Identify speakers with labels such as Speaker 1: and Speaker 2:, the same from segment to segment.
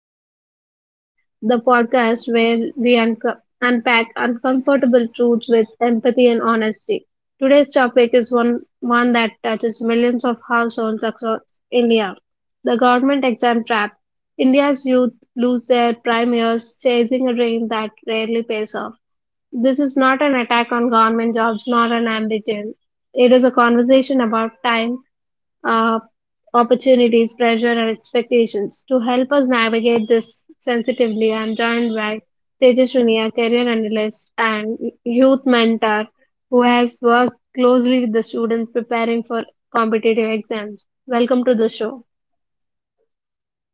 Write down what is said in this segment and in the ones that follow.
Speaker 1: Voices of Present, the podcast where we unpack uncomfortable truths with empathy and honesty. Today's topic is one that touches millions of households across India, the government exam trap. India's youth lose their prime years chasing a dream that rarely pays off. This is not an attack on government jobs nor an ambition. It is a conversation about time, uh, opportunities, pressure, and expectations. To help us navigate this sensitively, I'm joined by Tejaswini, a career analyst and youth mentor who has worked closely with the students preparing for competitive exams. Welcome to the show.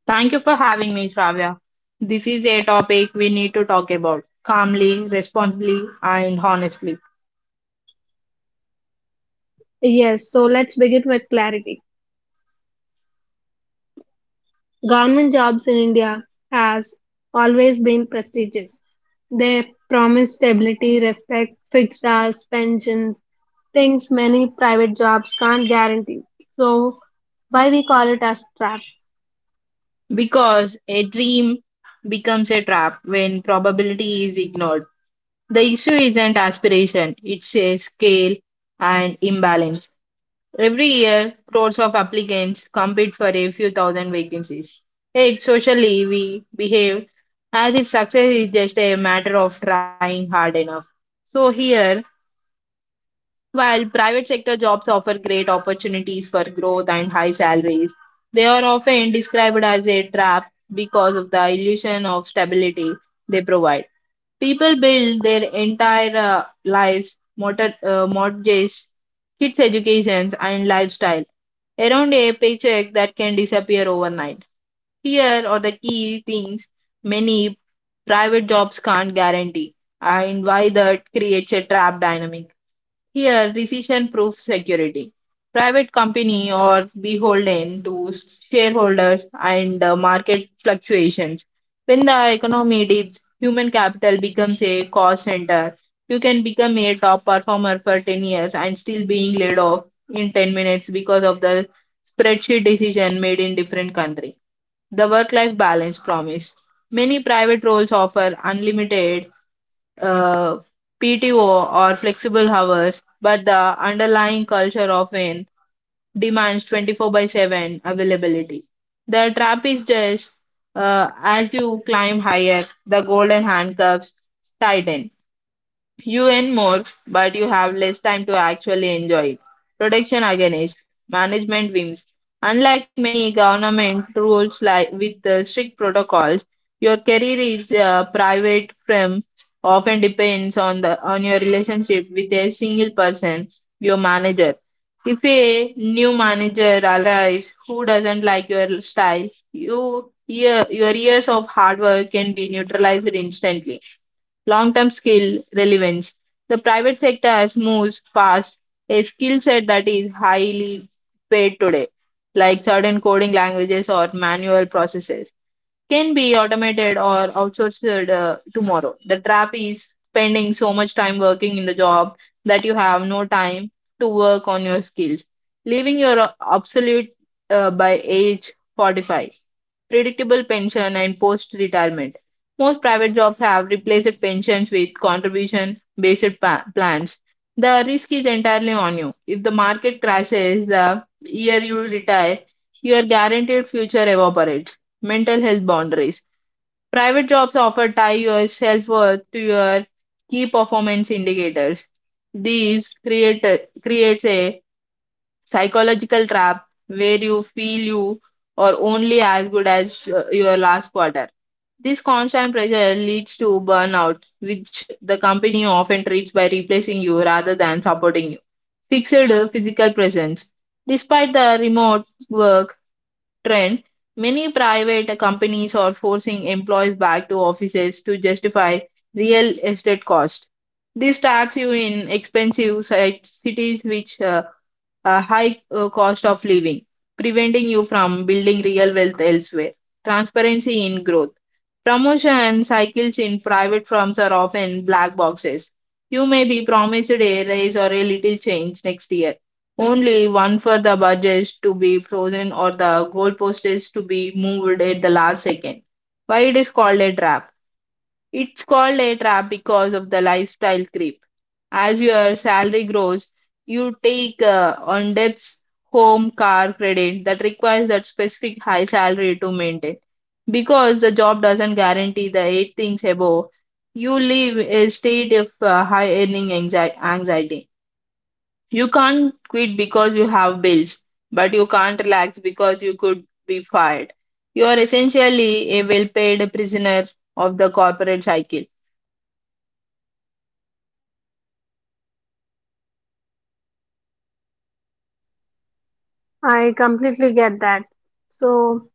Speaker 2: Thank you for having me, Shravya. This is a topic we need to talk about calmly, responsibly, and honestly.
Speaker 1: Yes, so let's begin with clarity. Government jobs in India has always been prestigious. They promise stability, respect, fixed hours, pensions, things many private jobs can't guarantee. So, why we call it as trap?
Speaker 2: Because a dream becomes a trap when probability is ignored. The issue isn't aspiration, it's a scale and imbalance. Every year, crores of applicants compete for a few thousand vacancies. Yet, socially, we behave as if success is just a matter of trying hard enough. So, here, while private sector jobs offer great opportunities for growth and high salaries, they are often described as a trap because of the illusion of stability they provide. People build their entire lives, motor, mortgages, kids' educations, and lifestyle around a paycheck that can disappear overnight. Here are the key things many private jobs can't guarantee and why that creates a trap dynamic. Here, decision proof security. Private company or beholden to shareholders and market fluctuations. When the economy dips, human capital becomes a cost center. You can become a top performer for 10 years and still being laid off in 10 minutes because of the spreadsheet decision made in different country. The work-life balance promise. Many private roles offer unlimited uh, PTO or flexible hours, but the underlying culture often demands 24 by 7 availability. The trap is just as you climb higher, the golden handcuffs tighten. You earn more, but you have less time to actually enjoy it. Protection against management whims. Unlike many government rules like with strict protocols, your career is private from often depends on the on your relationship with a single person, your manager. If a new manager arrives who doesn't like your style, you, your years of hard work can be neutralized instantly long term skill relevance. The private sector has moves fast, a skill set that is highly paid today, like certain coding languages or manual processes can be automated or outsourced tomorrow. The trap is spending so much time working in the job that you have no time to work on your skills, leaving your obsolete by age 45. Predictable pension and post retirement. Most private jobs have replaced pensions with contribution based plans. The risk is entirely on you. If the market crashes the year you retire, your guaranteed future evaporates mental health boundaries. Private jobs often tie your self worth to your key performance indicators. These creates a psychological trap where you feel you are only as good as your last quarter. This constant pressure leads to burnout, which the company often treats by replacing you rather than supporting you. Fixed physical presence. Despite the remote work, trend, many private companies are forcing employees back to offices to justify real estate cost. This traps you in expensive cities which a high cost of living, preventing you from building real wealth elsewhere. Transparency in growth. Promotion cycles in private firms are often black boxes. You may be promised a raise or a little change next year, only one for the budget to be frozen or the goalpost is to be moved at the last second. Why it is called a trap? It's called a trap because of the lifestyle creep. As your salary grows, you take on debts, home, car, credit that requires that specific high salary to maintain. Because the job doesn't guarantee the eight things above, you live a state of high earning anxiety. You can't quit because you have bills, but you can't relax because you could be fired. You are essentially a well paid prisoner of the corporate cycle.
Speaker 1: I completely get that. So,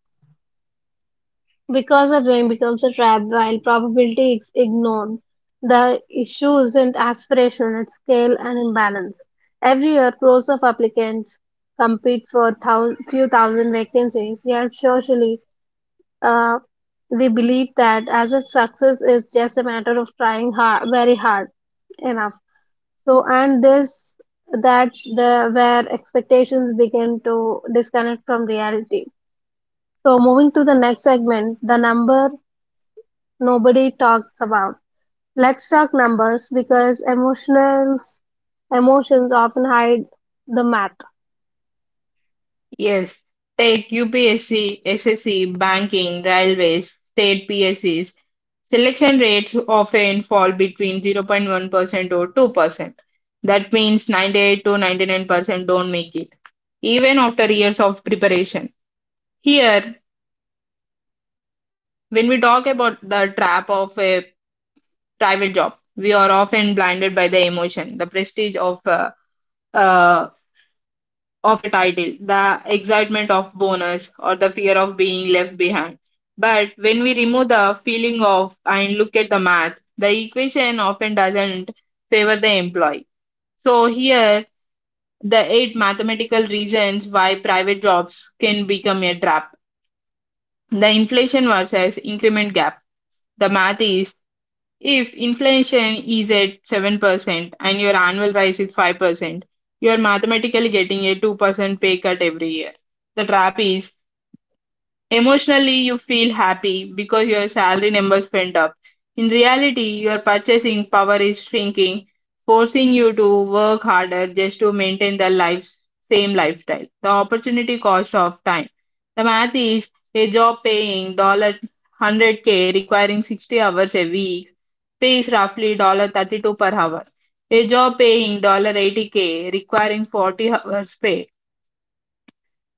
Speaker 1: because a dream becomes a trap while probability is ignored, the issue isn't aspiration, it's scale and imbalance. Every year, crores of applicants compete for few thousand vacancies, yet, socially, uh, we believe that as if success is just a matter of trying hard, very hard enough. So, and this that's the where expectations begin to disconnect from reality. So, moving to the next segment, the number nobody talks about. Let's talk numbers because emotionals emotions often hide the math.
Speaker 2: Yes, take UPSC, SSC, banking, railways, state PSCs. Selection rates often fall between 0.1% or 2%. That means 98 to 99% don't make it, even after years of preparation. Here, when we talk about the trap of a private job, we are often blinded by the emotion, the prestige uh, of a title, the excitement of bonus, or the fear of being left behind. But when we remove the feeling of and look at the math, the equation often doesn't favor the employee. So here, the eight mathematical reasons why private jobs can become a trap. The inflation versus increment gap. The math is if inflation is at 7% and your annual rise is 5%, you are mathematically getting a 2% pay cut every year. The trap is emotionally, you feel happy because your salary numbers went up. In reality, your purchasing power is shrinking, forcing you to work harder just to maintain the life's same lifestyle. The opportunity cost of time. The math is a job paying dollar hundred k requiring 60 hours a week pays roughly dollar 32 per hour. A job paying dollar 80 k requiring 40 hours pay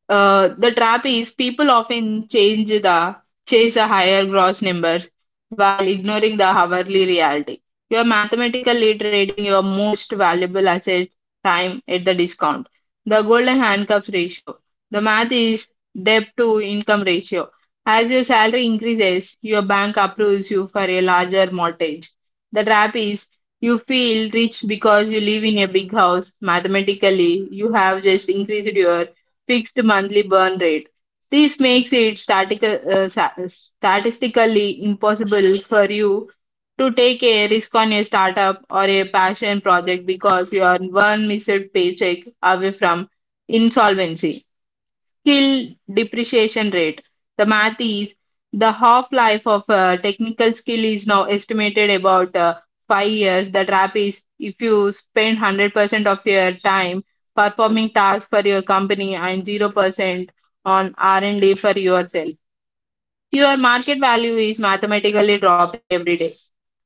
Speaker 2: the trap is people often change the chase a higher gross number while ignoring the hourly reality. You are mathematically trading your most valuable asset time at the discount. The golden handcuffs ratio. The math is debt to income ratio. As your salary increases, your bank approves you for a larger mortgage. The trap is you feel rich because you live in a big house. Mathematically, you have just increased your fixed monthly burn rate. This makes it statistically impossible for you to take a risk on a startup or a passion project because you are one missed paycheck away from insolvency skill depreciation rate. The math is the half life of a technical skill is now estimated about 5 years. The trap is if you spend 100% of your time performing tasks for your company and 0% on R&D for yourself. Your market value is mathematically dropping every day.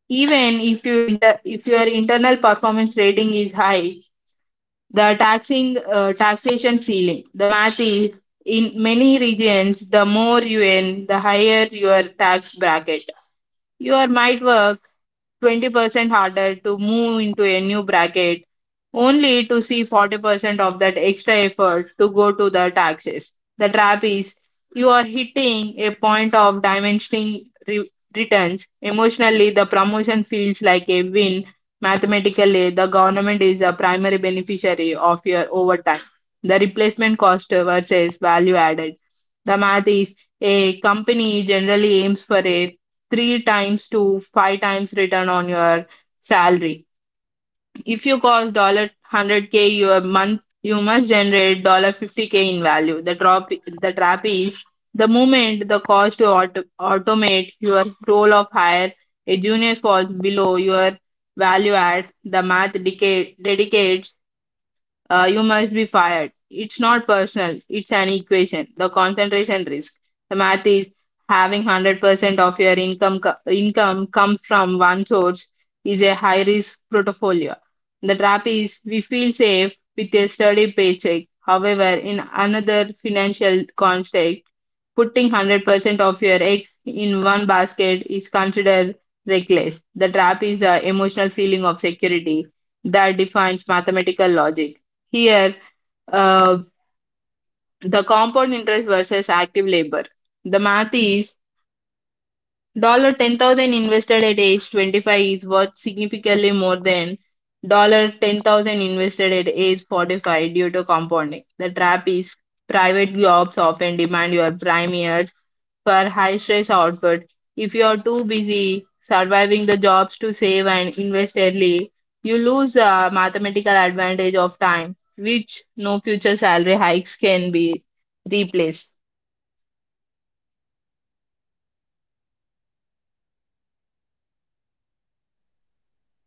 Speaker 2: Even if you inter- if your internal performance rating is high, the taxing taxation ceiling. The math is in many regions, the more you earn, the higher your tax bracket. Your might work 20% harder to move into a new bracket, only to see 40% of that extra effort to go to the taxes. The trap is you are hitting a point of returns. Emotionally, the promotion feels like a win. Mathematically, the government is the primary beneficiary of your overtime. The replacement cost versus value added. The math is a company generally aims for a three times to five times return on your salary. If you cost dollar hundred k your month, you must generate dollar 50 k in value. The trap is the moment the cost to automate your role of hire a junior falls below your value add. The math decade, dedicates you must be fired. It's not personal, it's an equation. The concentration risk. The math is having 100% of your income, income come from one source is a high risk portfolio. The trap is we feel safe with a steady paycheck. However, in another financial context, putting 100% of your eggs in one basket is considered reckless. The trap is the emotional feeling of security that defines mathematical logic. Here, uh, the compound interest versus active labor. The math is dollar 10,000 invested at age 25 is worth significantly more than dollar 10,000 invested at age 45 due to compounding. The trap is private jobs often demand your prime years for high stress output. If you are too busy surviving the jobs to save and invest early, you lose the mathematical advantage of time, which no future salary hikes can be replaced.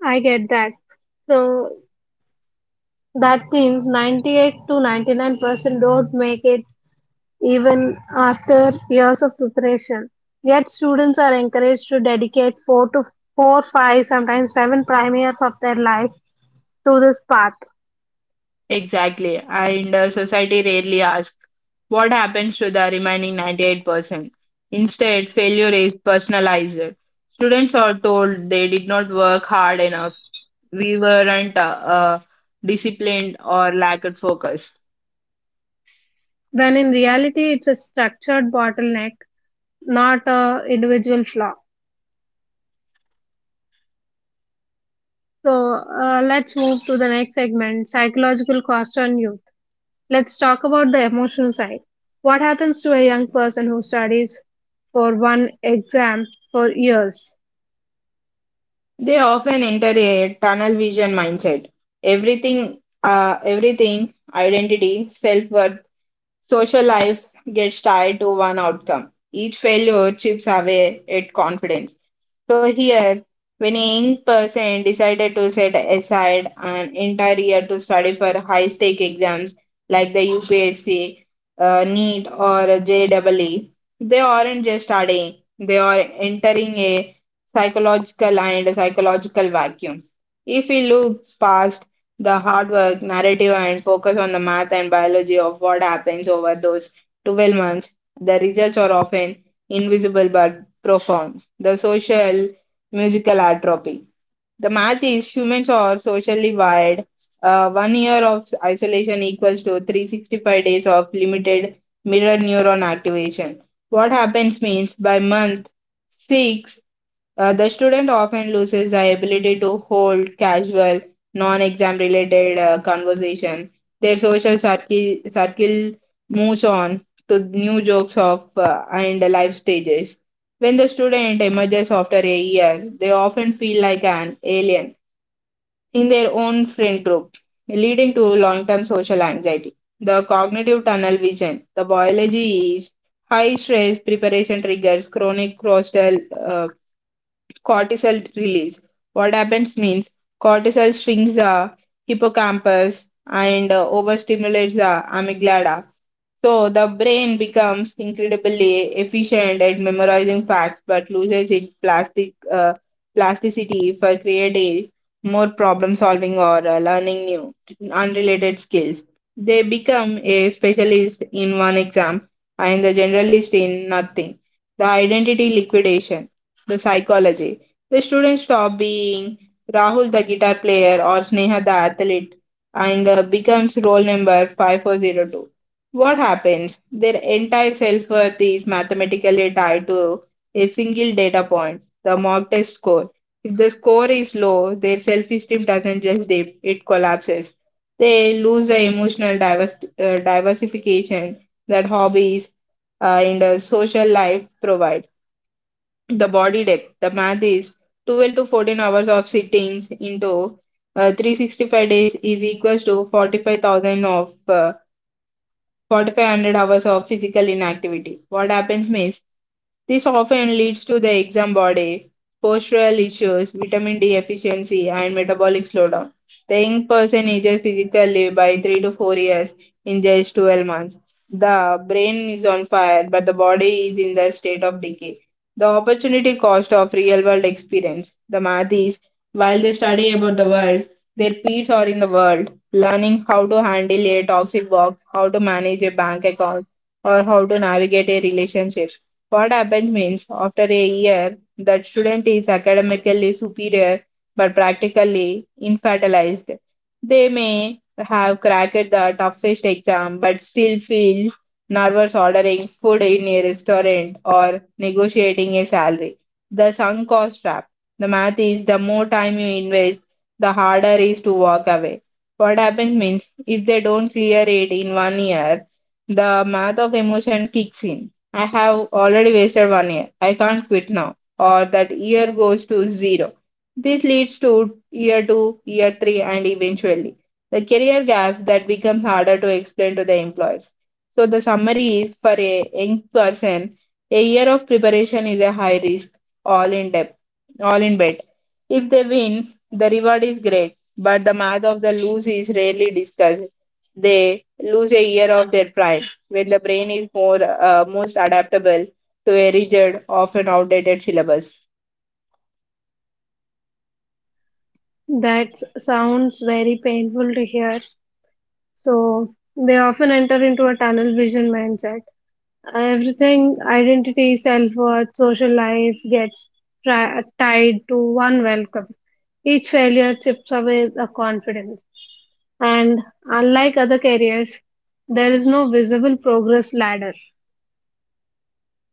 Speaker 1: I get that. So that means 98 to 99% don't make it even after years of preparation. Yet students are encouraged to dedicate four, five, sometimes seven prime years of their life to this path,
Speaker 2: Exactly. And society rarely asks what happens to the remaining 98%. Instead, failure is personalized. Students are told they did not work hard enough, we weren't disciplined, or lacked focus.
Speaker 1: when in reality it's a structured bottleneck, not a individual flaw. So let's move to the next segment, psychological cost on youth. Let's talk about the emotional side. What happens to a young person who studies for one exam for years?
Speaker 2: They often enter a tunnel vision mindset. Everything, identity, self worth, social life gets tied to one outcome. Each failure chips away at confidence. So here, when a young person decided to set aside an entire year to study for high-stake exams like the UPSC, NEET, or JEE, they aren't just studying; they are entering a psychological vacuum. If we look past the hard work, narrative, and focus on the math and biology of what happens over those 12 months. The results are often invisible but profound. The social musical atrophy. The math is humans are socially wired. 1 year of isolation equals to 365 days of limited mirror neuron activation. What happens means by month six the student often loses the ability to hold casual, non exam related conversation. Their social circle moves on to new jokes of and life stages. When the student emerges after a year, they often feel like an alien in their own friend group, leading to long term social anxiety. The cognitive tunnel vision. The biology is high stress preparation triggers chronic coastal cortisol release. What happens means cortisol shrinks the hippocampus and overstimulates the amygdala, so the brain becomes incredibly efficient at memorizing facts, but loses its plasticity for creating more problem solving or learning new unrelated skills. They become a specialist in one exam and the generalist in nothing. The identity liquidation, the psychology. The students stop being Rahul the guitar player or Sneha the athlete and becomes role number 5402. What happens? Their entire self worth is mathematically tied to a single data point, the mock test score. If the score is low, their self esteem doesn't just dip, it collapses. They lose the emotional diversification that hobbies in the social life provide. The body depth, the math is 12 to 14 hours of sittings into 365 days is equals to 45,000 of 4,500 hours of physical inactivity. What happens means this often leads to the exam body, postural issues, vitamin D deficiency, and metabolic slowdown. The young person ages physically by 3 to 4 years in just 12 months. The brain is on fire, but the body is in the state of decay. The opportunity cost of real world experience. The math is while they study about the world, their peers are in the world, learning how to handle a toxic box, how to manage a bank account, or how to navigate a relationship. What happened means, after a year, that student is academically superior but practically infantilized. They may have cracked the toughest exam but still feel nervous ordering food in a restaurant or negotiating a salary. The sunk cost trap. The math is the more time you invest, the harder is to walk away. What happens means if they don't clear it in 1 year, the math of emotion kicks in. I have already wasted 1 year. I can't quit now. Or that year goes to zero. This leads to year two, year three, and eventually the career gap that becomes harder to explain to the employees. So, the summary is for a young person, a year of preparation is a high risk, all in depth, all in bed. If they win, the reward is great, but the math of the lose is rarely discussed. They lose a year of their prime where the brain is more most adaptable to a rigid, often outdated syllabus.
Speaker 1: That sounds very painful to hear. So they often enter into a tunnel vision mindset. Everything, identity, self worth, social life gets tied to one welcome. Each failure chips away the confidence. And unlike other careers, there is no visible progress ladder.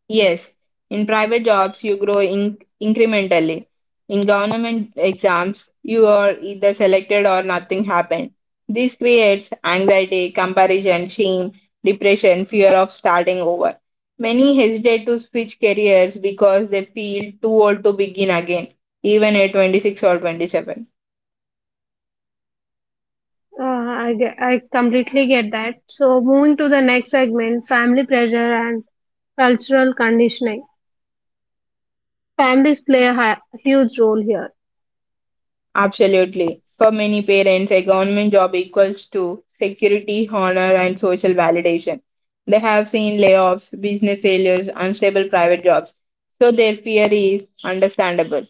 Speaker 2: Yes, in private jobs you grow incrementally. In government exams, you are either selected or nothing happened. This creates anxiety, comparison, shame, depression, fear of starting over. Many hesitate to switch careers because they feel too old to begin again, even at 26 or 27.
Speaker 1: I completely get that. So moving to the next segment, family pressure and cultural conditioning. Families play a huge role here.
Speaker 2: Absolutely. For many parents, a government job equals to security, honor, and social validation. They have seen layoffs, business failures, unstable private jobs, so their fear is understandable.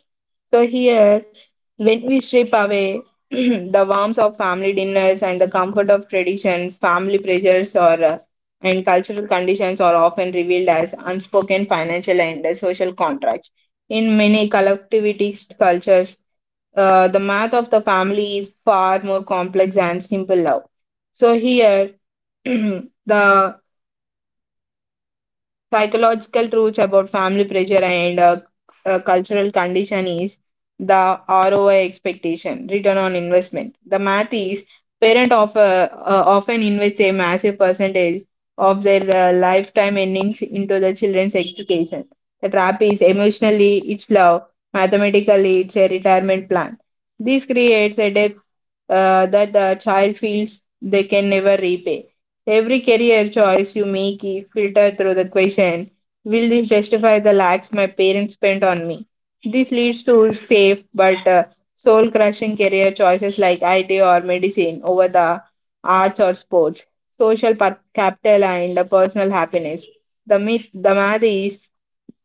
Speaker 2: So, here, when we strip away the warmth of family dinners and the comfort of tradition, family pressures or and cultural conditions are often revealed as unspoken financial and social contracts. In many collectivist cultures, the math of the family is far more complex than simple love. So here, the psychological truths about family pressure and cultural condition is the ROI expectation, return on investment. The math is parent often invest a massive percentage of their lifetime earnings into the children's education. The trap is emotionally it's love, mathematically it's a retirement plan. This creates a debt that the child feels they can never repay. Every career choice you make is filtered through the question, "Will this justify the lakhs my parents spent on me?" This leads to safe but soul crushing career choices like IT or medicine over the arts or sports, social capital, and the personal happiness. The math is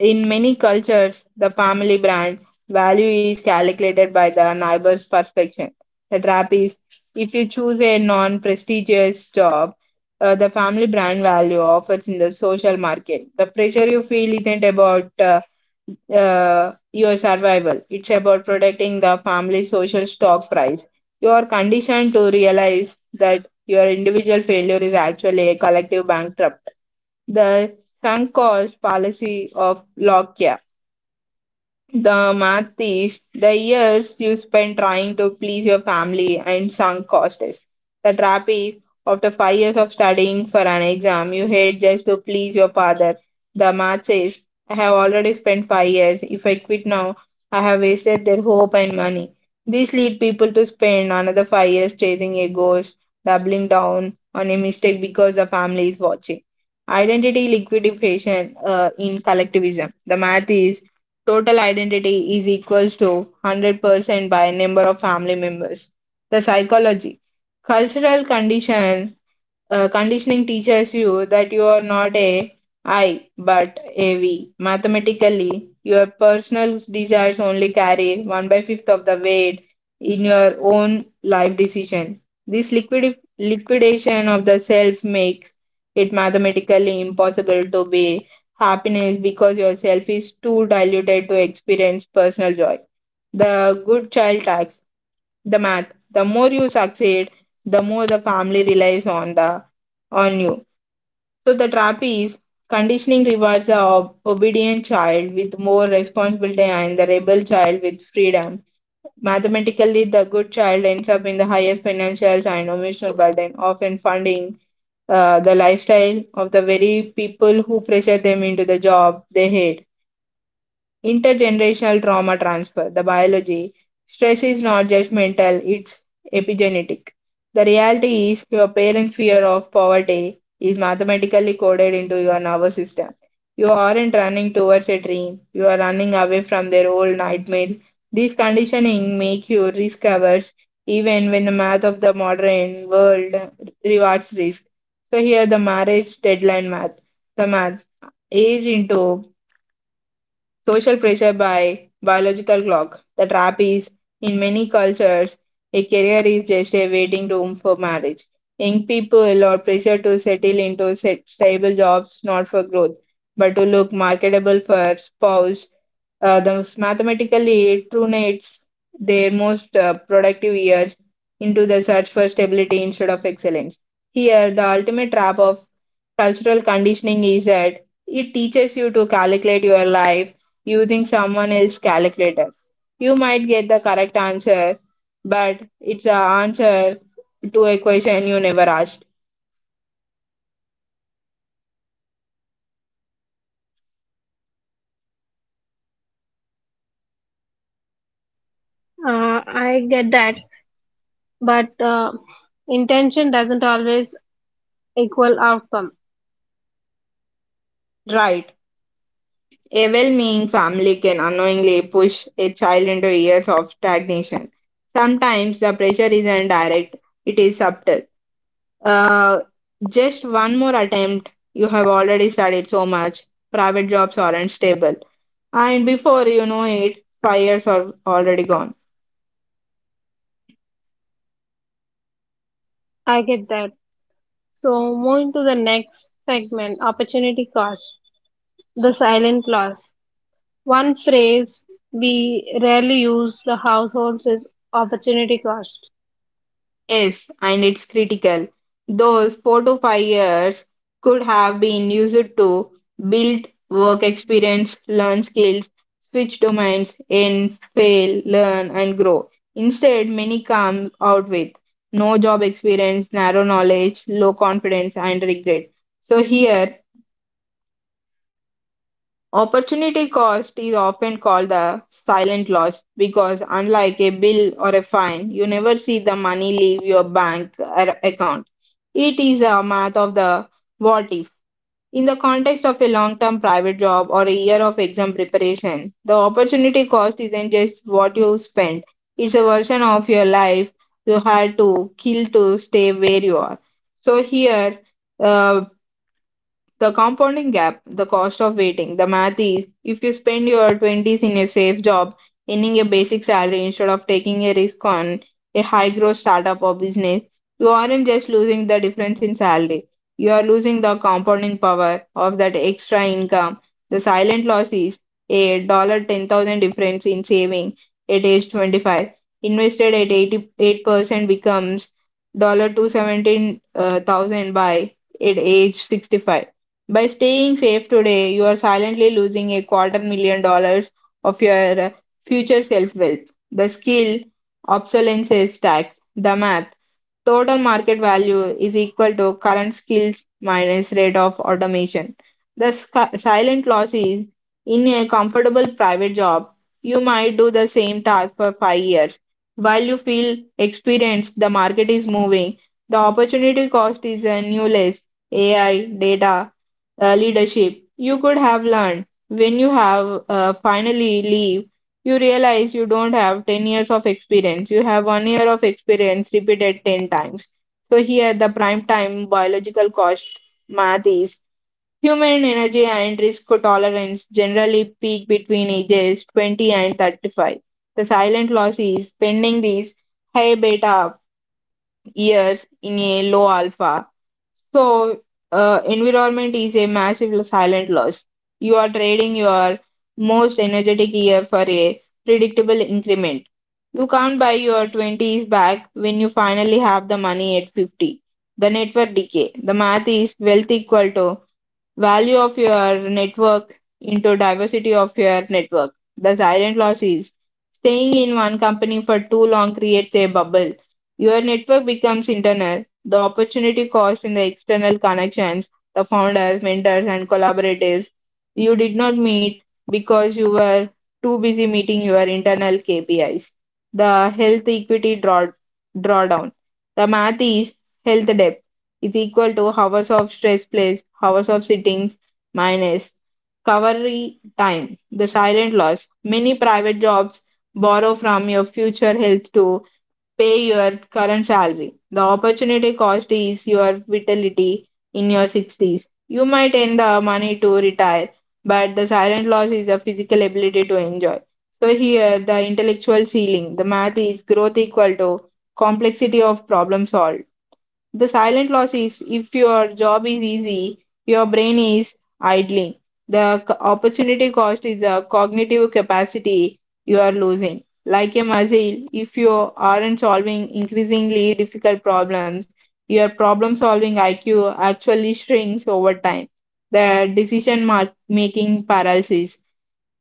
Speaker 2: in many cultures, the family brand value is calculated by the neighbor's perfection. The trap is if you choose a non prestigious job, the family brand value offers in the social market. The pressure you feel isn't about your survival, it's about protecting the family social stock price. You are conditioned to realize that your individual failure is actually a collective bankrupt. The sunk cost fallacy of Locke. The math is the years you spend trying to please your family and sunk costs. The trap is after 5 years of studying for an exam, you hate just to please your father. The math says, I have already spent 5 years. If I quit now, I have wasted their hope and money. This leads people to spend another 5 years chasing a ghost, doubling down on a mistake because the family is watching. Identity liquidation in collectivism. The math is total identity is equals to 100% by number of family members. The psychology. Cultural conditioning teaches you that you are not a I but a we. Mathematically, your personal desires only carry 1 by 5th of the weight in your own life decision. This liquidation of the self makes it mathematically impossible to be happiness because your self is too diluted to experience personal joy. The good child tax. The math. The more you succeed, the more the family relies on you. So the trap is conditioning rewards the obedient child with more responsibility and the rebel child with freedom. Mathematically, the good child ends up in the highest financial and emotional burden, often funding the lifestyle of the very people who pressure them into the job they hate. Intergenerational trauma transfer. The biology. Stress is not just mental, it's epigenetic. The reality is your parents' fear of poverty is mathematically coded into your nervous system. You aren't running towards a dream, you are running away from their old nightmares. This conditioning makes you risk averse even when the math of the modern world rewards risk. So here the marriage deadline math. The math age into social pressure by biological clock. The trap is, in many cultures, a career is just a waiting room for marriage. Young people are pressured to settle into stable jobs not for growth, but to look marketable for spouse, thus, mathematically, it trunates their most productive years into the search for stability instead of excellence. Here, the ultimate trap of cultural conditioning is that it teaches you to calculate your life using someone else's calculator. You might get the correct answer, but it's an answer to a question you never asked.
Speaker 1: I get that, but intention doesn't always equal outcome.
Speaker 2: Right. A well meaning family can unknowingly push a child into years of stagnation. Sometimes the pressure isn't direct, it is subtle. Uh, just one more attempt, you have already studied so much, private jobs aren't stable, and before you know it, 5 years are already gone.
Speaker 1: I get that. So moving to the next segment, opportunity cost, the silent loss. One phrase we rarely use the households is opportunity cost.
Speaker 2: Yes, and it's critical. Those 4 to 5 years could have been used to build work experience, learn skills, switch domains, and fail, learn, and grow. Instead, many come out with no job experience, narrow knowledge, low confidence, and regret. So, here, opportunity cost is often called the silent loss because, unlike a bill or a fine, you never see the money leave your bank or account. It is a math of the what if. In the context of a long term private job or a year of exam preparation, the opportunity cost isn't just what you spend, it's a version of your life you had to kill to stay where you are. So, here, uh, the compounding gap, the cost of waiting. The math is if you spend your 20s in a safe job, earning a basic salary instead of taking a risk on a high growth startup or business, you aren't just losing the difference in salary. You are losing the compounding power of that extra income. The silent loss is a dollar 10,000 difference in saving at age 25. Invested at 88% becomes dollar 217 thousand by at age 65 by staying safe today, you are silently losing a quarter million dollars of your future self wealth. The skill, obsolescence tax, the math, total market value is equal to current skills minus rate of automation. The silent loss is in a comfortable private job, you might do the same task for 5 years. While you feel experienced, the market is moving. The opportunity cost is newless AI, data, leadership you could have learned. When you have finally leave, you realize you don't have 10 years of experience. You have 1 year of experience repeated 10 times. So here the prime time biological cost math is human energy and risk tolerance generally peak between ages 20 and 35. The silent loss is spending these high beta years in a low alpha so, environment is a massive silent loss. You are trading your most energetic year for a predictable increment. You can't buy your 20s back when you finally have the money at 50. The network decay. The math is wealth equal to value of your network into diversity of your network. The silent loss is staying in one company for too long creates a bubble. Your network becomes internal. The opportunity cost in the external connections, the founders, mentors, and collaborators you did not meet because you were too busy meeting your internal KPIs. The health equity drawdown. The math is health debt is equal to hours of stress place, hours of sittings minus recovery time, the silent loss. Many private jobs borrow from your future health to pay your current salary. The opportunity cost is your vitality in your 60s. You might earn the money to retire, but the silent loss is a physical ability to enjoy. So here, the intellectual ceiling, the math is growth equal to complexity of problem solved. The silent loss is if your job is easy, your brain is idling. The opportunity cost is a cognitive capacity you are losing. Like a muscle, if you aren't solving increasingly difficult problems, your problem solving IQ actually shrinks over time. The decision making paralysis.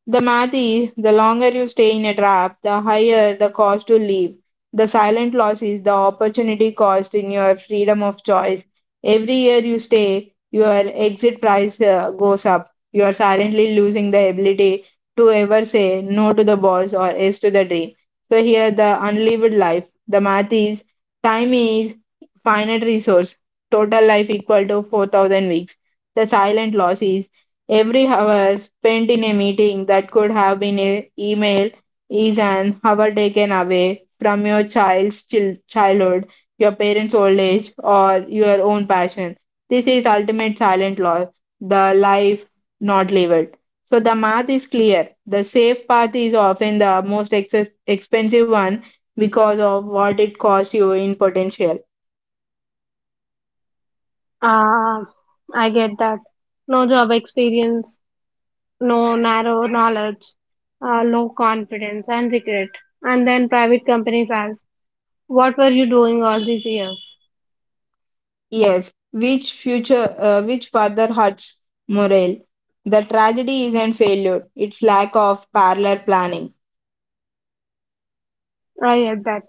Speaker 2: The math is, the longer you stay in a trap, the higher the cost to leave. The silent loss is the opportunity cost in your freedom of choice. Every year you stay, your exit price goes up. You are silently losing the ability to ever say no to the boss or yes to the dream. So here the unlived life. The math is time is finite resource. Total life equal to 4,000 weeks. The silent loss is every hour spent in a meeting that could have been an email is an hour taken away from your child's childhood, your parents' old age, or your own passion. This is ultimate silent loss, the life not lived. So the math is clear. The safe path is often the most expensive one because of what it costs you in potential.
Speaker 1: Uh, I get that. No job experience, no narrow knowledge, low confidence and regret. And then private companies ask, what were you doing all these years?
Speaker 2: Yes, which further hurts morale. The tragedy isn't failure; it's lack of parallel planning.
Speaker 1: I get that.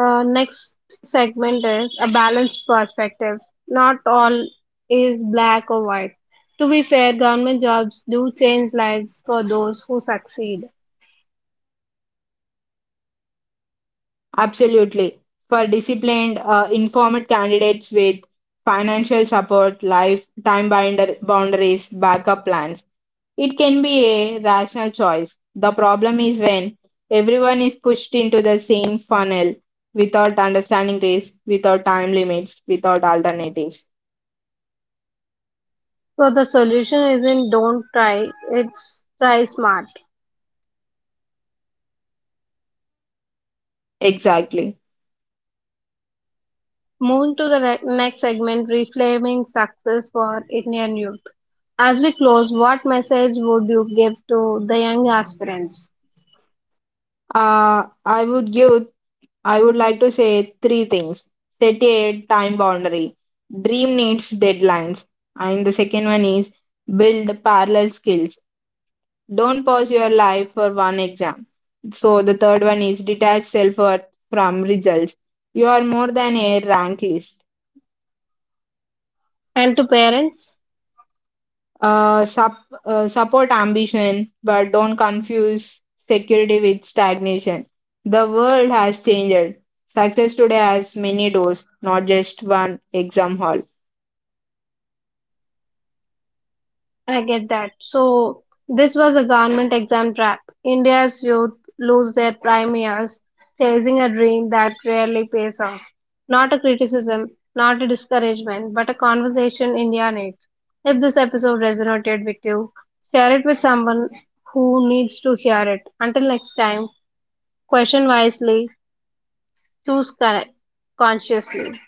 Speaker 1: Next segment is a balanced perspective. Not all is black or white. To be fair, government jobs do change lives for those who succeed.
Speaker 2: Absolutely, for disciplined, informed candidates with financial support, life time binder boundaries, backup plans, it can be a rational choice. The problem is when everyone is pushed into the same funnel without understanding risk, without time limits, without alternatives.
Speaker 1: So the solution isn't don't try, it's try smart.
Speaker 2: Exactly.
Speaker 1: Moving to the next segment, reframing success for Indian youth. As we close, what message would you give to the young aspirants
Speaker 2: Uh, I would give, I would like to say three things. Set a time boundary. Dream needs deadlines. And the second one is build parallel skills. Don't pause your life for one exam. So the third one is detach self worth from results. You are more than a rank list.
Speaker 1: and to parents?
Speaker 2: Uh, sup, support ambition, but don't confuse security with stagnation. The world has changed. Success today has many doors, not just one exam hall.
Speaker 1: I get that. So this was a government exam trap. India's youth lose their prime years chasing a dream that rarely pays off. Not a criticism, not a discouragement, but a conversation India needs. If this episode resonated with you, share it with someone who needs to hear it. Until next time, question wisely, choose correct, consciously.